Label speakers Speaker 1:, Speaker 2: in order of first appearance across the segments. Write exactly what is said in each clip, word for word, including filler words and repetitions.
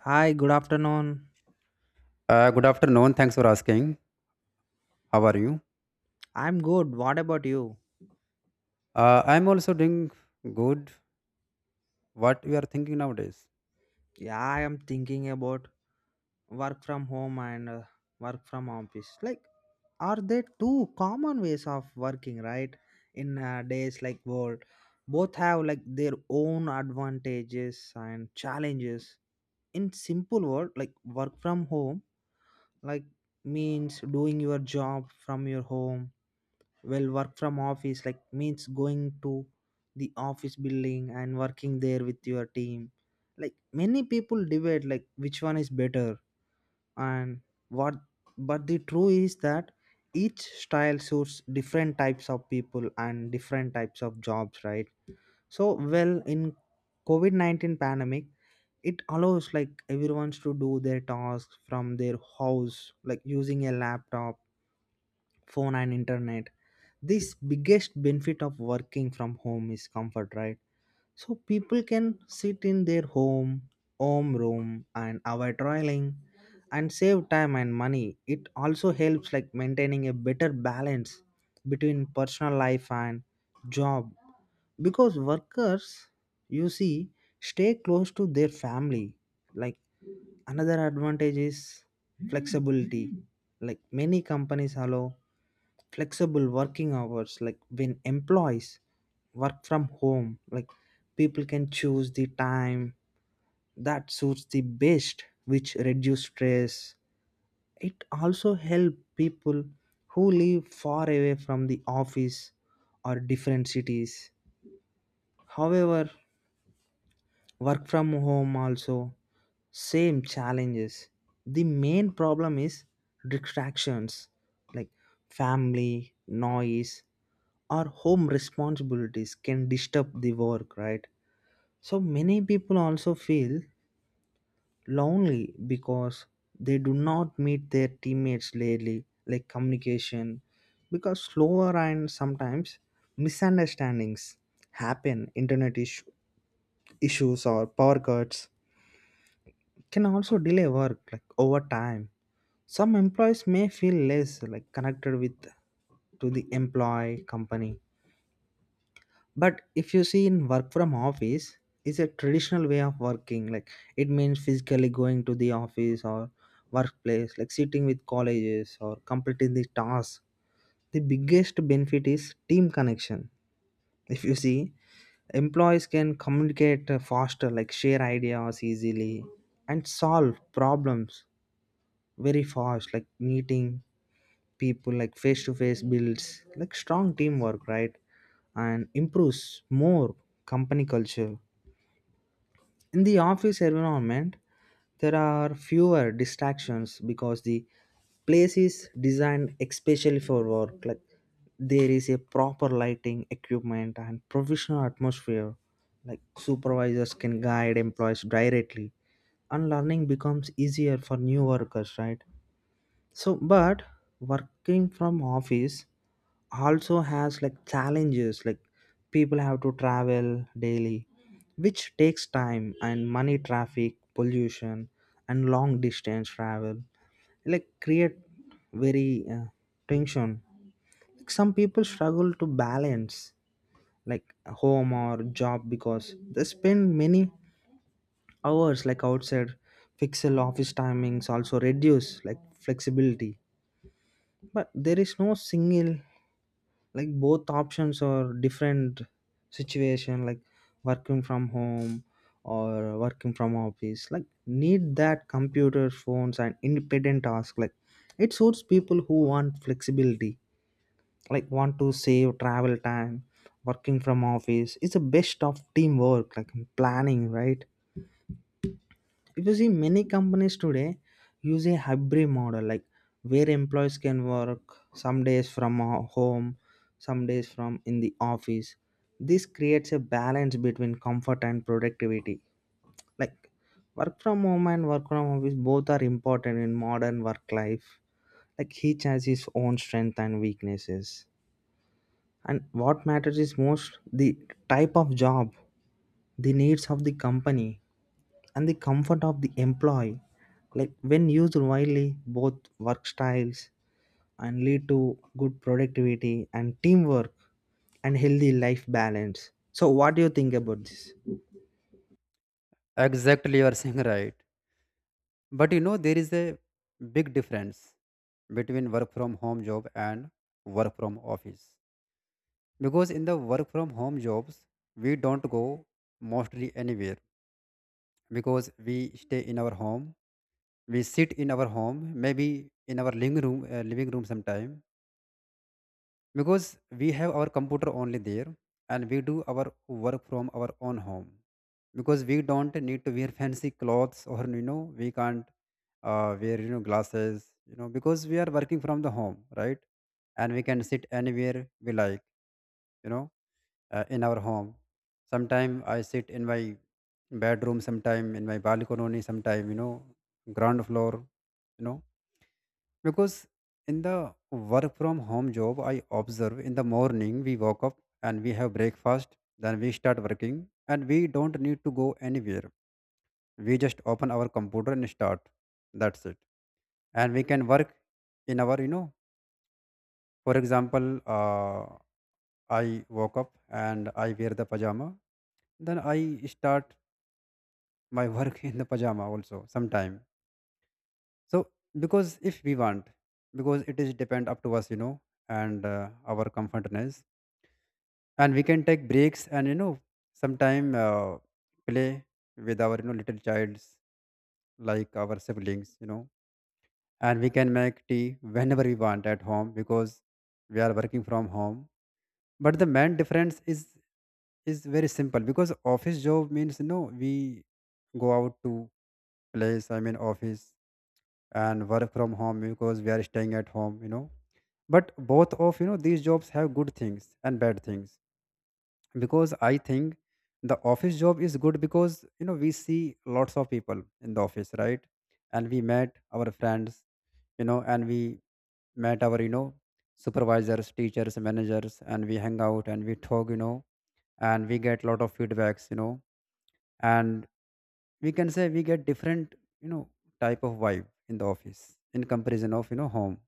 Speaker 1: Hi, good afternoon.
Speaker 2: Uh, good afternoon. Thanks for asking. How are you?
Speaker 1: I'm good. What about you?
Speaker 2: Uh, I'm also doing good. What you are thinking nowadays?
Speaker 1: Yeah, I am thinking about work from home and uh, work from office. Like, are they two common ways of working, right? In uh, days like world, both have like their own advantages and challenges. In simple word, like work from home, like means doing your job from your home, well work from office like means going to the office building and working there with your team. Like many people debate like which one is better, and what, but the truth is that each style suits different types of people and different types of jobs, right? So well, in covid nineteen pandemic, it allows like everyone to do their tasks from their house like using a laptop, phone and internet. This biggest benefit of working from home is comfort, right? So people can sit in their home home room and avoid traveling, and save time and money. It also helps like maintaining a better balance between personal life and job, because workers, you see, stay close to their family. Like another advantage is flexibility. Like many companies allow flexible working hours, like when employees work from home, like people can choose the time that suits the best, which reduce stress. It also help people who live far away from the office or different cities. However, work from home also same challenges. The main problem is distractions, like family noise, our home responsibilities can disturb the work, right? So many people also feel lonely because they do not meet their teammates daily, like communication, because slower, and sometimes misunderstandings happen. Internet issue, issues or power cuts can also delay work like over time. Some employees may feel less like connected with to the employee company. But if you see in work from office, it's a traditional way of working. Like it means physically going to the office or workplace, like sitting with colleges or completing the task. The biggest benefit is team connection. If you see, employees can communicate uh, faster, like share ideas easily and solve problems very fast, like meeting people like face to face builds like strong teamwork, right? And improves more company culture. In the office environment, there are fewer distractions because the place is designed especially for work. Like there is a proper lighting, equipment, and professional atmosphere. Like supervisors can guide employees directly, and learning becomes easier for new workers, right? So, but working from office also has like challenges. Like people have to travel daily, which takes time and money, traffic, pollution, and long distance travel. Like create very uh, tension. Like, some people struggle to balance like home or job because they spend many hours like outside. Fixed office timings also reduce like flexibility. But there is no single, like both options are different situation, like working from home or working from office like need that computer phones and independent task, like it suits people who want flexibility, like want to save travel time. Working from office is the best of teamwork, like planning, right? If you see many companies today use a hybrid model, like where employees can work some days from ho- home, some days from in the office. This creates a balance between comfort and productivity. Like work from home and work from office both are important in modern work life. Like each has his own strength and weaknesses. And what matters is most the type of job, the needs of the company and the comfort of the employee, like when used widely both work styles and lead to good productivity and teamwork and healthy life balance. So what do you think about this?
Speaker 2: Exactly, you are saying right. But you know, there is a big difference between work from home job and work from office. Because in the work from home jobs, we don't go mostly anywhere because we stay in our home. We sit in our home, maybe in our living room, uh, living room sometime, because we have our computer only there, and we do our work from our own home, because we don't need to wear fancy clothes, or you know, we can't uh, wear, you know, glasses, you know, because we are working from the home, right? And we can sit anywhere we like, you know, uh, in our home. Sometime I sit in my bedroom, sometime in my balcony, sometime, you know, ground floor, you know, because in the work from home job, I observe, in the morning we wake up and we have breakfast, then we start working, and we don't need to go anywhere. We just open our computer and start. That's it. And we can work in our, you know, for example, uh, I woke up and I wear the pajama, then I start my work in the pajama also sometime. So, because if we want, because it is depend up to us, you know, and uh, our comfortness, and we can take breaks, and you know, sometime uh, play with our, you know, little childs, like our siblings, you know. And we can make tea whenever we want at home because we are working from home. But the main difference is is very simple, because office job means, you know, we go out to place, I mean office, and work from home because we are staying at home, you know. But both of, you know, these jobs have good things and bad things, because I think the office job is good, because you know, we see lots of people in the office, right? And we met our friends, you know, and we met our, you know, supervisors, teachers, managers, and we hang out and we talk, you know, and we get lot of feedbacks, you know. And we can say we get different, you know, type of vibe in the office in comparison of, you know, home.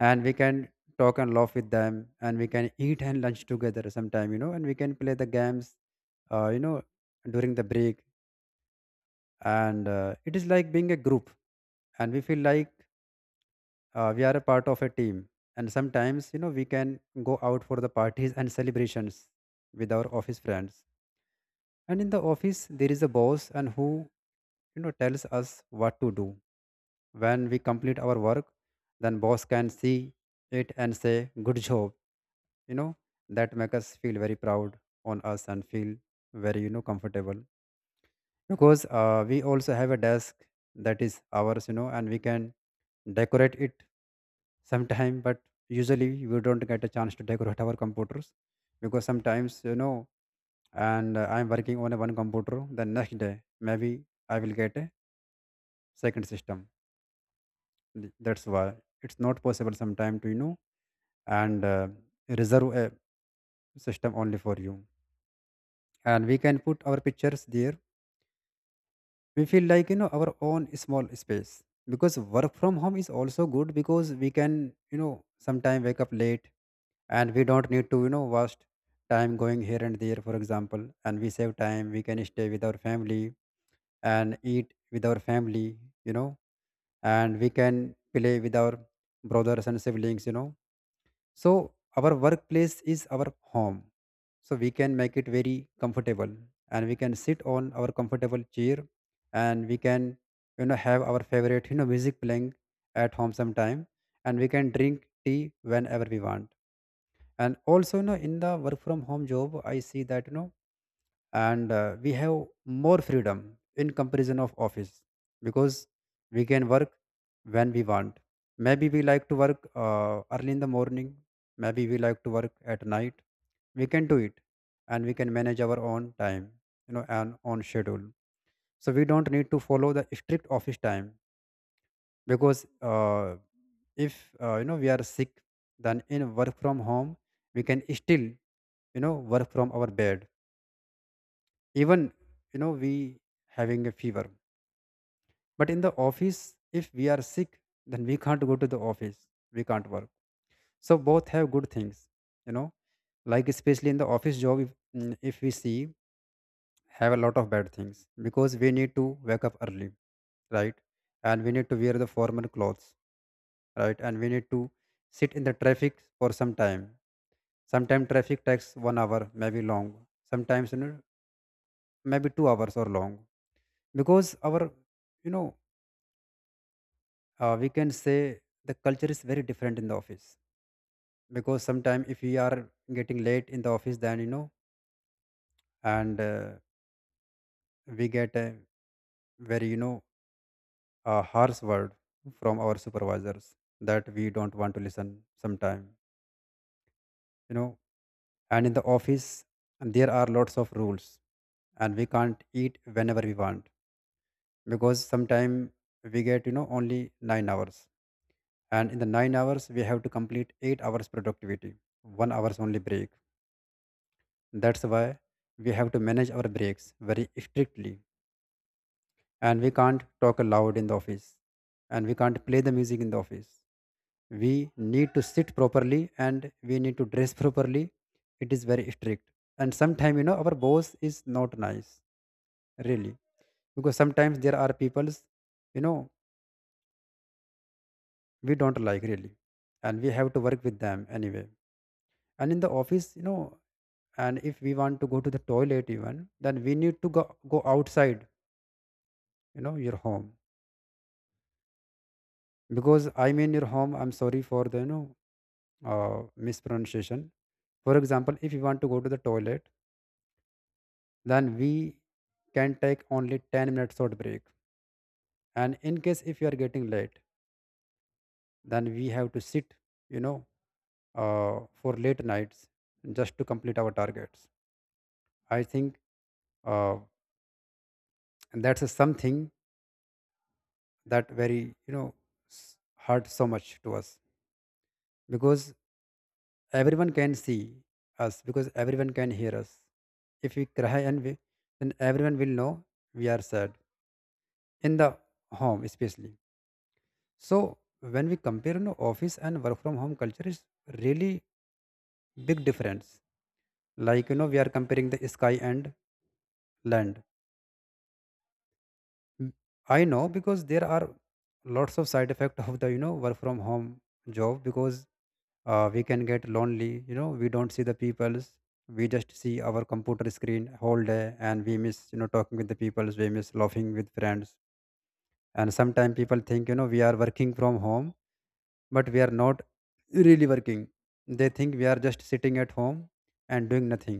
Speaker 2: And we can talk and laugh with them, and we can eat and lunch together sometime, you know, and we can play the games, uh, you know, during the break. And uh, it is like being a group, and we feel like, uh, we are a part of a team. And sometimes, you know, we can go out for the parties and celebrations with our office friends. And in the office there is a boss, and who, you know, tells us what to do. When we complete our work, then boss can see it and say good job, you know, that make us feel very proud on us and feel very, you know, comfortable. Because uh, we also have a desk that is ours, you know, and we can decorate it sometime. But usually we don't get a chance to decorate our computers, because sometimes you know, and uh, I'm working on a one computer, the next day maybe I will get a second system. Th- that's why it's not possible sometime to, you know, and uh, reserve a system only for you, and we can put our pictures there. We feel like, you know, our own small space. Because work from home is also good, because we can, you know, sometime wake up late, and we don't need to, you know, waste time going here and there, for example, and we save time. We can stay with our family and eat with our family, you know, and we can play with our brothers and siblings, you know. So our workplace is our home. So we can make it very comfortable, and we can sit on our comfortable chair, and we can, you know, have our favorite, you know, music playing at home sometime, and we can drink tea whenever we want. And also, you know, in the work from home job, I see that, you know, and uh, we have more freedom in comparison of office, because we can work when we want. Maybe we like to work uh, early in the morning, maybe we like to work at night, we can do it. And we can manage our own time, you know, and own schedule, so we don't need to follow the strict office time. Because uh, if uh, you know we are sick, then in work from home we can still, you know, work from our bed, even, you know, we having a fever. But in the office if we are sick, then we can't go to the office, we can't work. So both have good things, you know, like especially in the office job if, mm, if we see, have a lot of bad things, because we need to wake up early, right? And we need to wear the formal clothes, right? And we need to sit in the traffic for some time. Sometimes traffic takes one hour maybe long, sometimes you know, maybe two hours or long. Because our, you know, uh, we can say the culture is very different in the office. Because sometimes if we are getting late in the office, then you know, and uh, we get a very, you know, a harsh word from our supervisors that we don't want to listen sometime, you know. And in the office there are lots of rules, and we can't eat whenever we want. Because sometimes we get, you know, only nine hours, and in the nine hours we have to complete eight hours productivity, one hours only break. That's why we have to manage our breaks very strictly. And we can't talk aloud in the office, and we can't play the music in the office. We need to sit properly and we need to dress properly. It is very strict. And sometimes, you know, our boss is not nice, really. Because sometimes there are peoples, you know, we don't like, really. And we have to work with them anyway. And in the office, you know, and if we want to go to the toilet even, then we need to go, go outside, you know, your home, because I mean your home, I'm sorry for the, you know, uh, mispronunciation. For example, if you want to go to the toilet, then we can take only ten minutes short break. And in case if you are getting late, then we have to sit, you know, uh, for late nights just to complete our targets. I think uh, that's a something that very, you know, s- hurt so much to us. Because everyone can see us, because everyone can hear us. If we cry and we, then everyone will know we are sad in the home, especially. So when we compare, you know, office and work from home culture is really big difference. Like, you know, we are comparing the sky and land. Mm, I know, because there are lots of side effect of the, you know, work from home job. Because uh, we can get lonely, you know, we don't see the peoples. We just see our computer screen whole day, and we miss, you know, talking with the peoples, we miss laughing with friends. And sometimes people think, you know, we are working from home, but we are not really working. They think we are just sitting at home and doing nothing.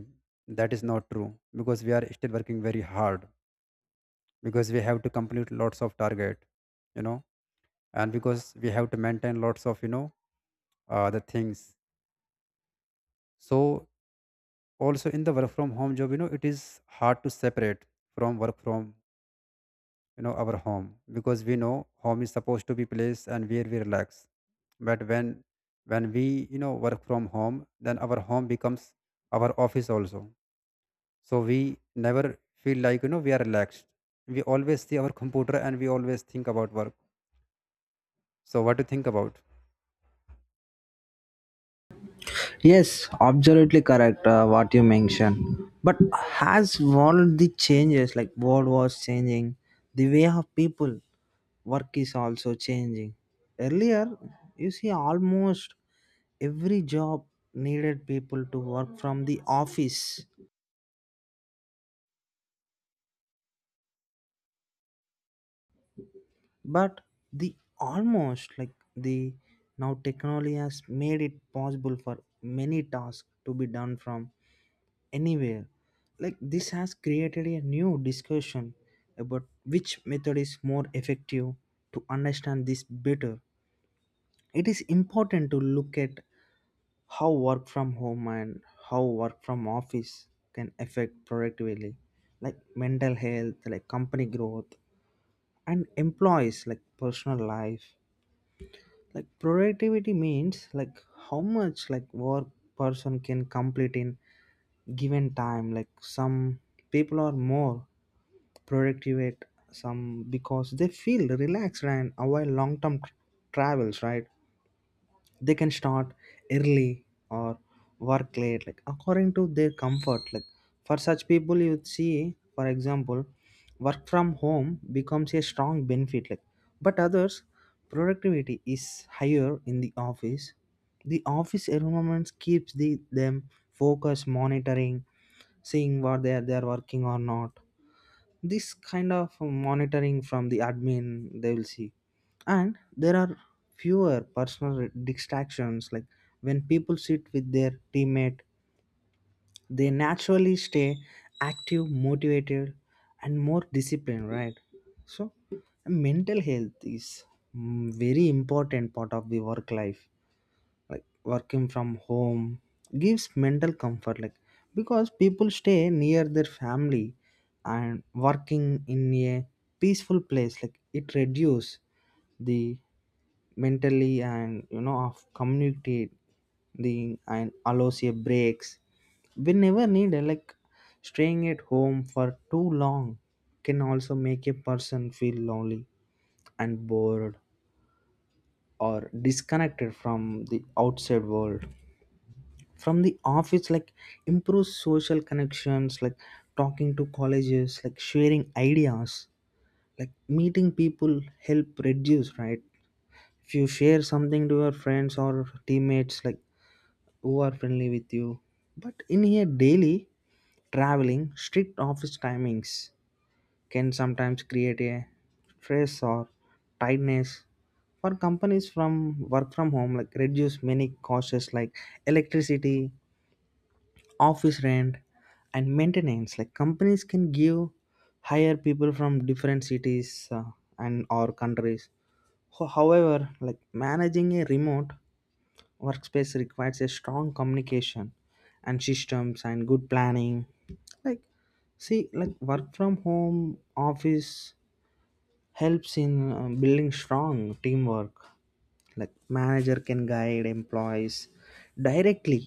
Speaker 2: That is not true, because we are still working very hard, because we have to complete lots of target, you know. And because we have to maintain lots of, you know, uh, the things. So also in the work from home job, you know, it is hard to separate from work from, you know, our home. Because we know home is supposed to be place and where we relax. But when when we, you know, work from home, then our home becomes our office also. So we never feel like, you know, we are relaxed. We always see our computer and we always think about work. So what do you think about?
Speaker 1: Yes, absolutely correct uh, what you mentioned. But has world the changes, like world was changing, the way of people work is also changing. Earlier, you see almost every job needed people to work from the office, but the almost like the now technology has made it possible for many tasks to be done from anywhere. Like this has created a new discussion about which method is more effective. To understand this better, it is important to look at how work from home and how work from office can affect productivity, like mental health, like company growth, and employees, like personal life. Like productivity means like how much like work person can complete in given time. Like some people are more productive at some because they feel relaxed and avoid long term travels, right? They can start early or work late like according to their comfort. Like for such people, you see, for example, work from home becomes a strong benefit. Like but others productivity is higher in the office. The office environment keeps the them focus, monitoring, seeing what they are they are working or not. This kind of monitoring from the admin they will see, and there are fewer personal distractions, like when people sit with their teammate, they naturally stay active, motivated, and more disciplined, right? So mental health is, mm, very important part of the work life. Like working from home gives mental comfort, like because people stay near their family, and working in a peaceful place, like it reduce the mentally and you know of communicate the and allows a breaks whenever needed. Like staying at home for too long can also make a person feel lonely and bored, or disconnected from the outside world. From the office, like improve social connections, like talking to colleges, like sharing ideas, like meeting people, help reduce, right? If you share something to your friends or teammates like who are friendly with you. But in here daily, traveling, strict office timings can sometimes create a stress or tightness. For companies, from work from home, like reduce many costs, like electricity, office rent, and maintenance. Like companies can give, hire people from different cities, uh, and or countries. Ho- however, like managing a remote workspace requires a strong communication and systems and good planning. Like see, like work from home office helps in uh, building strong teamwork. Like manager can guide employees directly,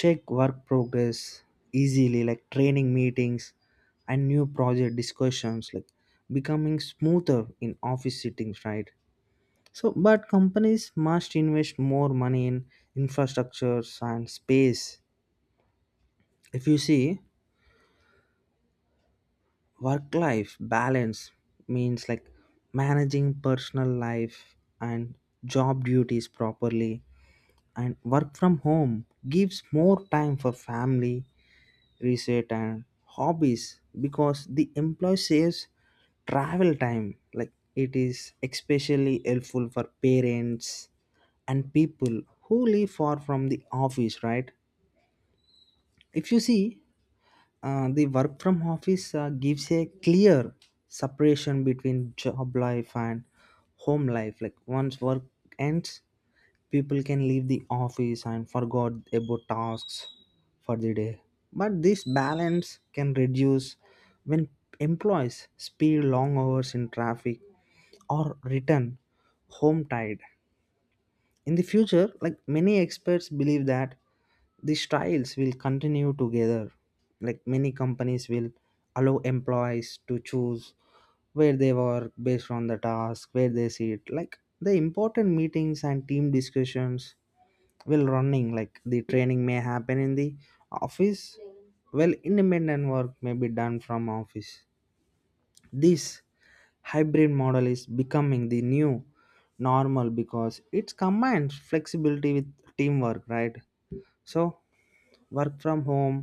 Speaker 1: check work progress easily, like training meetings and new project discussions, like becoming smoother in office settings, right? So but companies must invest more money in infrastructures and space. If you see work life balance means like managing personal life and job duties properly. And work from home gives more time for family, reset and hobbies, because the employee saves travel time. Like it is especially helpful for parents and people who live far from the office, right? If you see, uh, the work from office uh, gives a clear separation between job life and home life. Like once work ends, people can leave the office and forgot about tasks for the day. But this balance can reduce when employees spend long hours in traffic, or return home tired. In the future, like many experts believe that these trials will continue together. Like many companies will allow employees to choose where they work based on the task, where they sit, like the important meetings and team discussions, well running, like the training may happen in the office, well independent work may be done from office. This hybrid model is becoming the new normal because it combines flexibility with teamwork, right? So work from home,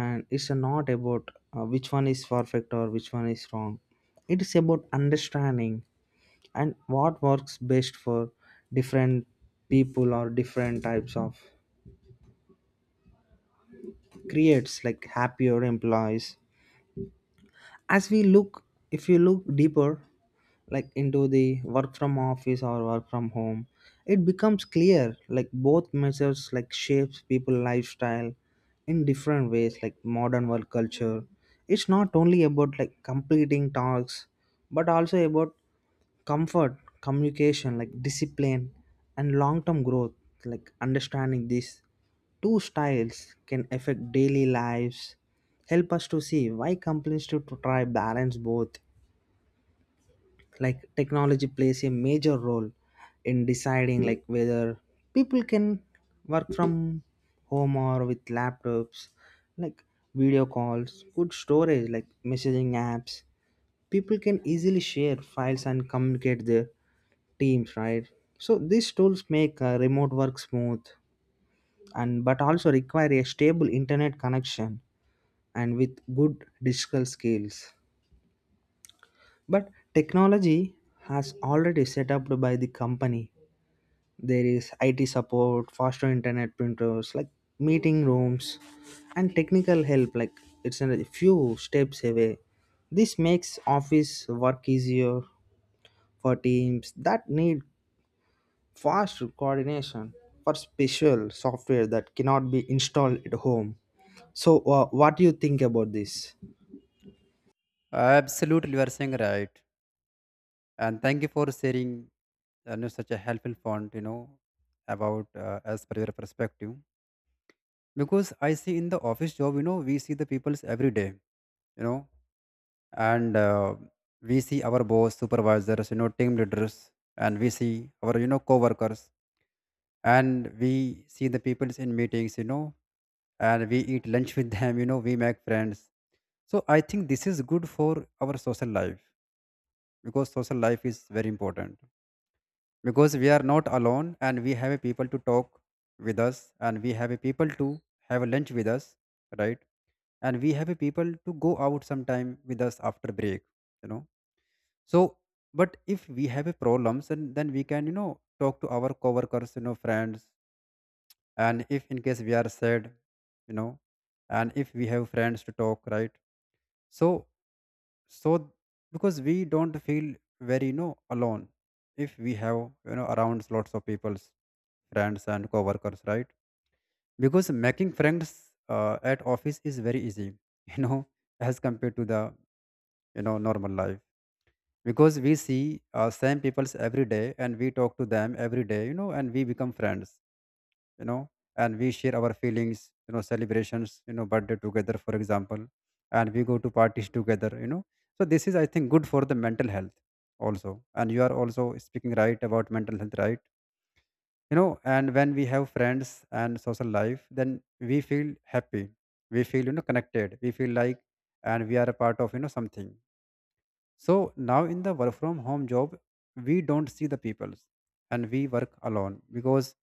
Speaker 1: and it's not about uh, which one is perfect or which one is wrong. It is about understanding and what works best for different people or different types of, creates like happier employees. As we look, if you look deeper, like into the work from office or work from home, it becomes clear like both measures like shapes people lifestyle in different ways. Like modern work culture, it's not only about like completing tasks, but also about comfort, communication, like discipline and long term growth. Like understanding this two styles can affect daily lives, help us to see why companies should try balance both. Like technology plays a major role in deciding like whether people can work from home or with laptops, like video calls, good storage, like messaging apps. People can easily share files and communicate their teams, right? So these tools make uh, remote work smooth, and but also require a stable internet connection and with good digital skills. But technology has already set up by the company. There is I T support, faster internet printers, like meeting rooms, and technical help. Like it's a few steps away. This makes office work easier for teams that need fast coordination for special software that cannot be installed at home. So, uh, what do you think about this?
Speaker 2: Absolutely, you are saying right. And thank you for sharing, you know, such a helpful point, you know, about uh, as per your perspective. Because I see in the office job, you know, we see the peoples every day, you know, and uh, we see our boss, supervisors, you know, team leaders. And we see our, you know, co-workers, and we see the peoples in meetings, you know, and we eat lunch with them, you know, we make friends. So I think this is good for our social life, because social life is very important, because we are not alone, and we have a people to talk with us, and we have a people to have a lunch with us, right? And we have a people to go out sometime with us after break, you know so. But if we have a problems, and then we can, you know talk to our coworkers, you know friends. And if in case we are sad, you know and if we have friends to talk, right? So so because we don't feel very, you know alone, if we have, you know around lots of people's, friends and coworkers, right? Because making friends uh, at office is very easy, you know as compared to the, you know normal life. Because we see uh, same peoples every day, and we talk to them every day, you know and we become friends you know and we share our feelings, you know celebrations, you know birthday together, for example. And we go to parties together you know So this is, I think, good for the mental health also. And you are also speaking right about mental health, right you know and when we have friends and social life, then we feel happy. We feel, you know connected, we feel like, and we are a part of, you know something. So now in the work from home job, we don't see the peoples, and we work alone because,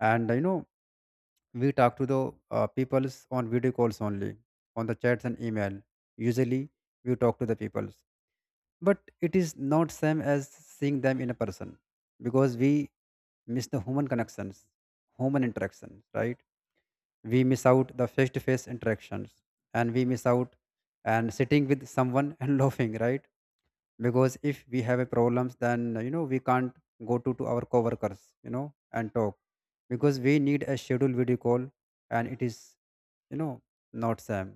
Speaker 2: and you know, we talk to the uh, peoples on video calls only, on the chats and email. Usually we talk to the peoples, but it is not same as seeing them in a person, because we miss the human connections, human interactions, right? We miss out the face-to-face interactions, and we miss out and sitting with someone and laughing, right? Because if we have a problems, then you know we can't go to, to our coworkers, you know and talk, because we need a scheduled video call. And it is, you know not same,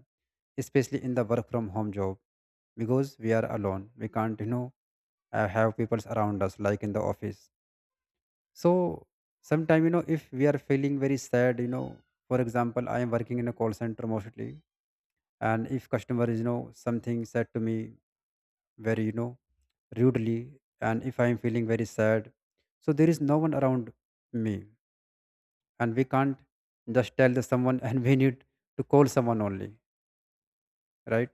Speaker 2: especially in the work from home job, because we are alone, we can't, you know uh, have people around us like in the office. So sometime, you know if we are feeling very sad, you know for example, I am working in a call center mostly. And if customer is, you know something said to me very, you know rudely, and if I am feeling very sad, so there is no one around me. And we can't just tell the someone, and we need to call someone only, right?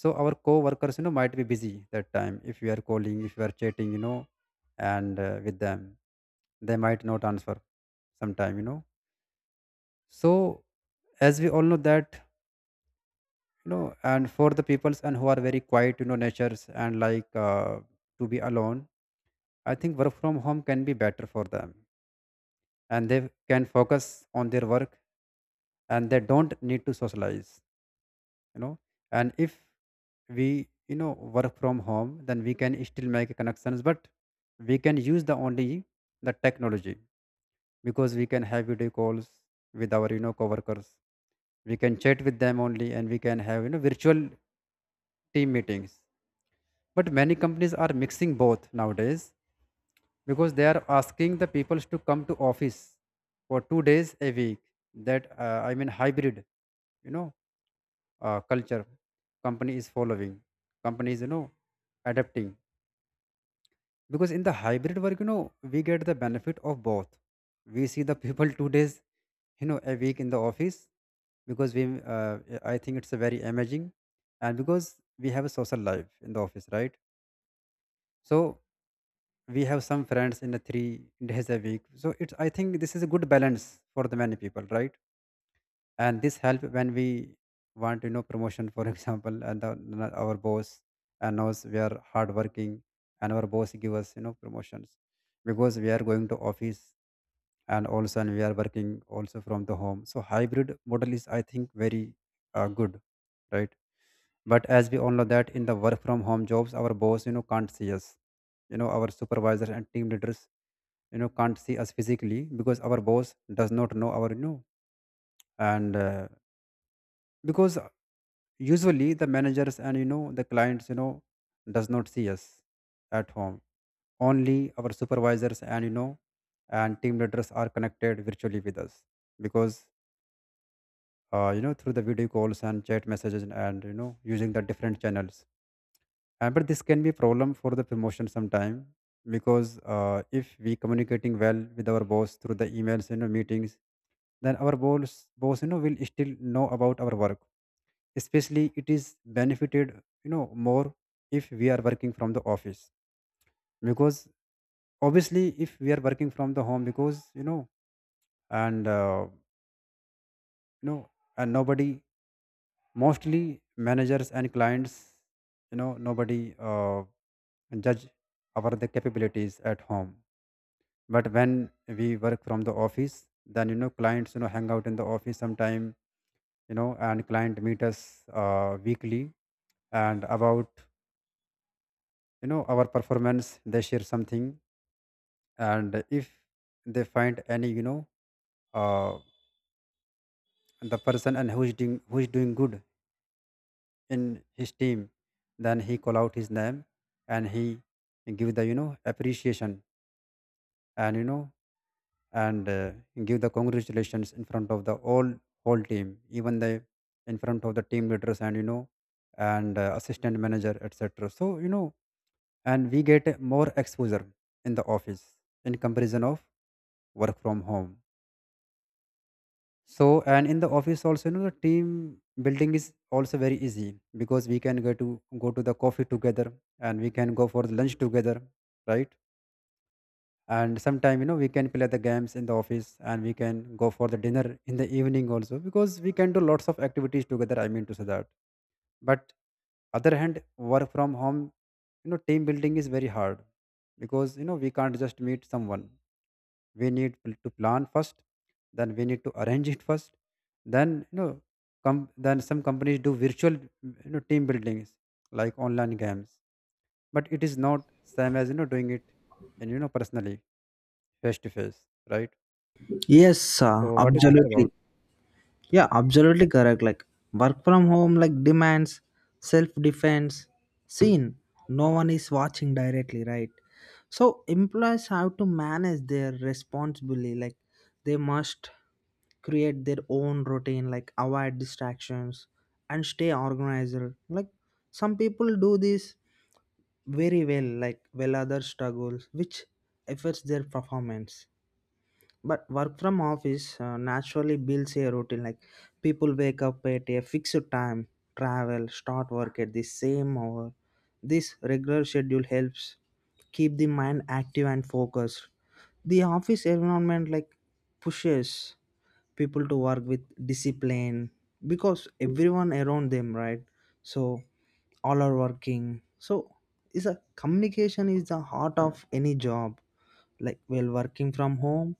Speaker 2: So our co-workers, you know might be busy that time. If we are calling, if we are chatting, you know and uh, with them, they might not answer sometime, you know so. As we all know that, you know and for the peoples and who are very quiet, you know natures, and like uh, to be alone, I think work from home can be better for them. And they can focus on their work, and they don't need to socialize, you know. And if we, you know, work from home, then we can still make connections, but we can use the only the technology, because we can have video calls with our, you know, coworkers. We can chat with them only, and we can have, you know, virtual team meetings. But many companies are mixing both nowadays, because they are asking the peoples to come to office for two days a week. That uh, I mean hybrid, you know uh, culture company is following, companies, you know adapting. Because in the hybrid work, you know we get the benefit of both. We see the people two days, you know a week in the office, because we uh, I think it's a very amazing. And because we have a social life in the office, right? So we have some friends in a three days a week, so it's, I think, this is a good balance for the many people, right? And this help when we want, you know promotion, for example, and the, the- our boss and knows we are hard working, and our boss give us, you know promotions, because we are going to office, and also, and we are working also from the home. So hybrid model is, I think, very uh, good, right? But as we all know that in the work from home jobs, our boss, you know can't see us, you know our supervisors and team leaders, you know can't see us physically, because our boss does not know our, you know and uh, because usually the managers and, you know the clients, you know does not see us at home. Only our supervisors and, you know and team leaders are connected virtually with us, because uh, you know through the video calls and chat messages, and you know using the different channels. Uh, but this can be problem for the promotion sometime, because uh, if we communicating well with our boss through the emails, you know meetings, then our boss boss you know will still know about our work. Especially it is benefited, you know more if we are working from the office. Because obviously if we are working from the home, because you know and uh, you know and nobody, mostly managers and clients, you know nobody uh, judge our the capabilities at home. But when we work from the office, then you know clients, you know hang out in the office sometime, you know and client meet us uh, weekly, and about, you know our performance, they share something. And if they find any, you know uh, the person, and who is doing who is doing good in his team, then he call out his name, and he give the, you know appreciation, and you know and uh, give the congratulations in front of the all whole team, even the, in front of the team leaders, and you know and uh, assistant manager, et cetera. So you know, and we get a more exposure in the office in comparison of work from home. So and in the office also, you know, the team building is also very easy, because we can go to go to the coffee together, and we can go for the lunch together, right? And sometime, you know we can play the games in the office, and we can go for the dinner in the evening also, because we can do lots of activities together. I mean to say that, but other hand work from home, you know team building is very hard, because you know we can't just meet someone. We need pl- to plan first, then we need to arrange it first, then, you know come, then some companies do virtual, you know team buildings, like online games, but it is not same as, you know doing it, and you know personally, face to face, right?
Speaker 1: Yes, uh,
Speaker 2: So, what do you think about?
Speaker 1: absolutely. Yeah, absolutely correct. Like work from home like demands self-defense seen. No one is watching directly, right? So employees have to manage their responsibility. Like they must create their own routine, like avoid distractions and stay organized. Like some people do this very well, like well others struggles, which affects their performance. But work from office uh, naturally builds a routine. Like people wake up at a fixed time, travel, start work at the same hour. This regular schedule helps keep the mind active and focused. The office environment like pushes people to work with discipline because everyone around them, right? So all are working. So is a communication is the heart of any job. Like while working from home,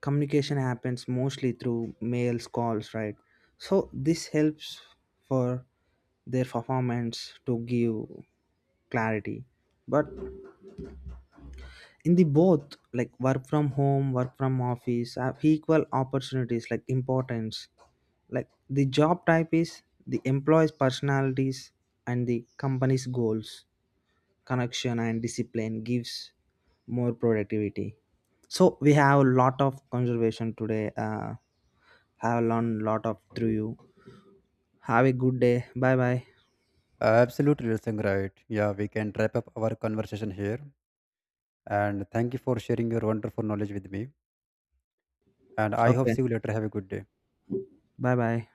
Speaker 1: communication happens mostly through mails, calls, right? So this helps for their performance to give clarity. But in the both, like work from home work from office have equal opportunities, like importance, like the job type is, the employees personalities, and the company's goals, connection and discipline gives more productivity. So we have a lot of conservation today, uh, have learned a lot of through you. Have a good day. Bye bye.
Speaker 2: Absolutely, Lasang, right. Yeah, we can wrap up our conversation here. And thank you for sharing your wonderful knowledge with me. And I hope
Speaker 1: Okay.
Speaker 2: see you later. Have a good day.
Speaker 1: Bye bye.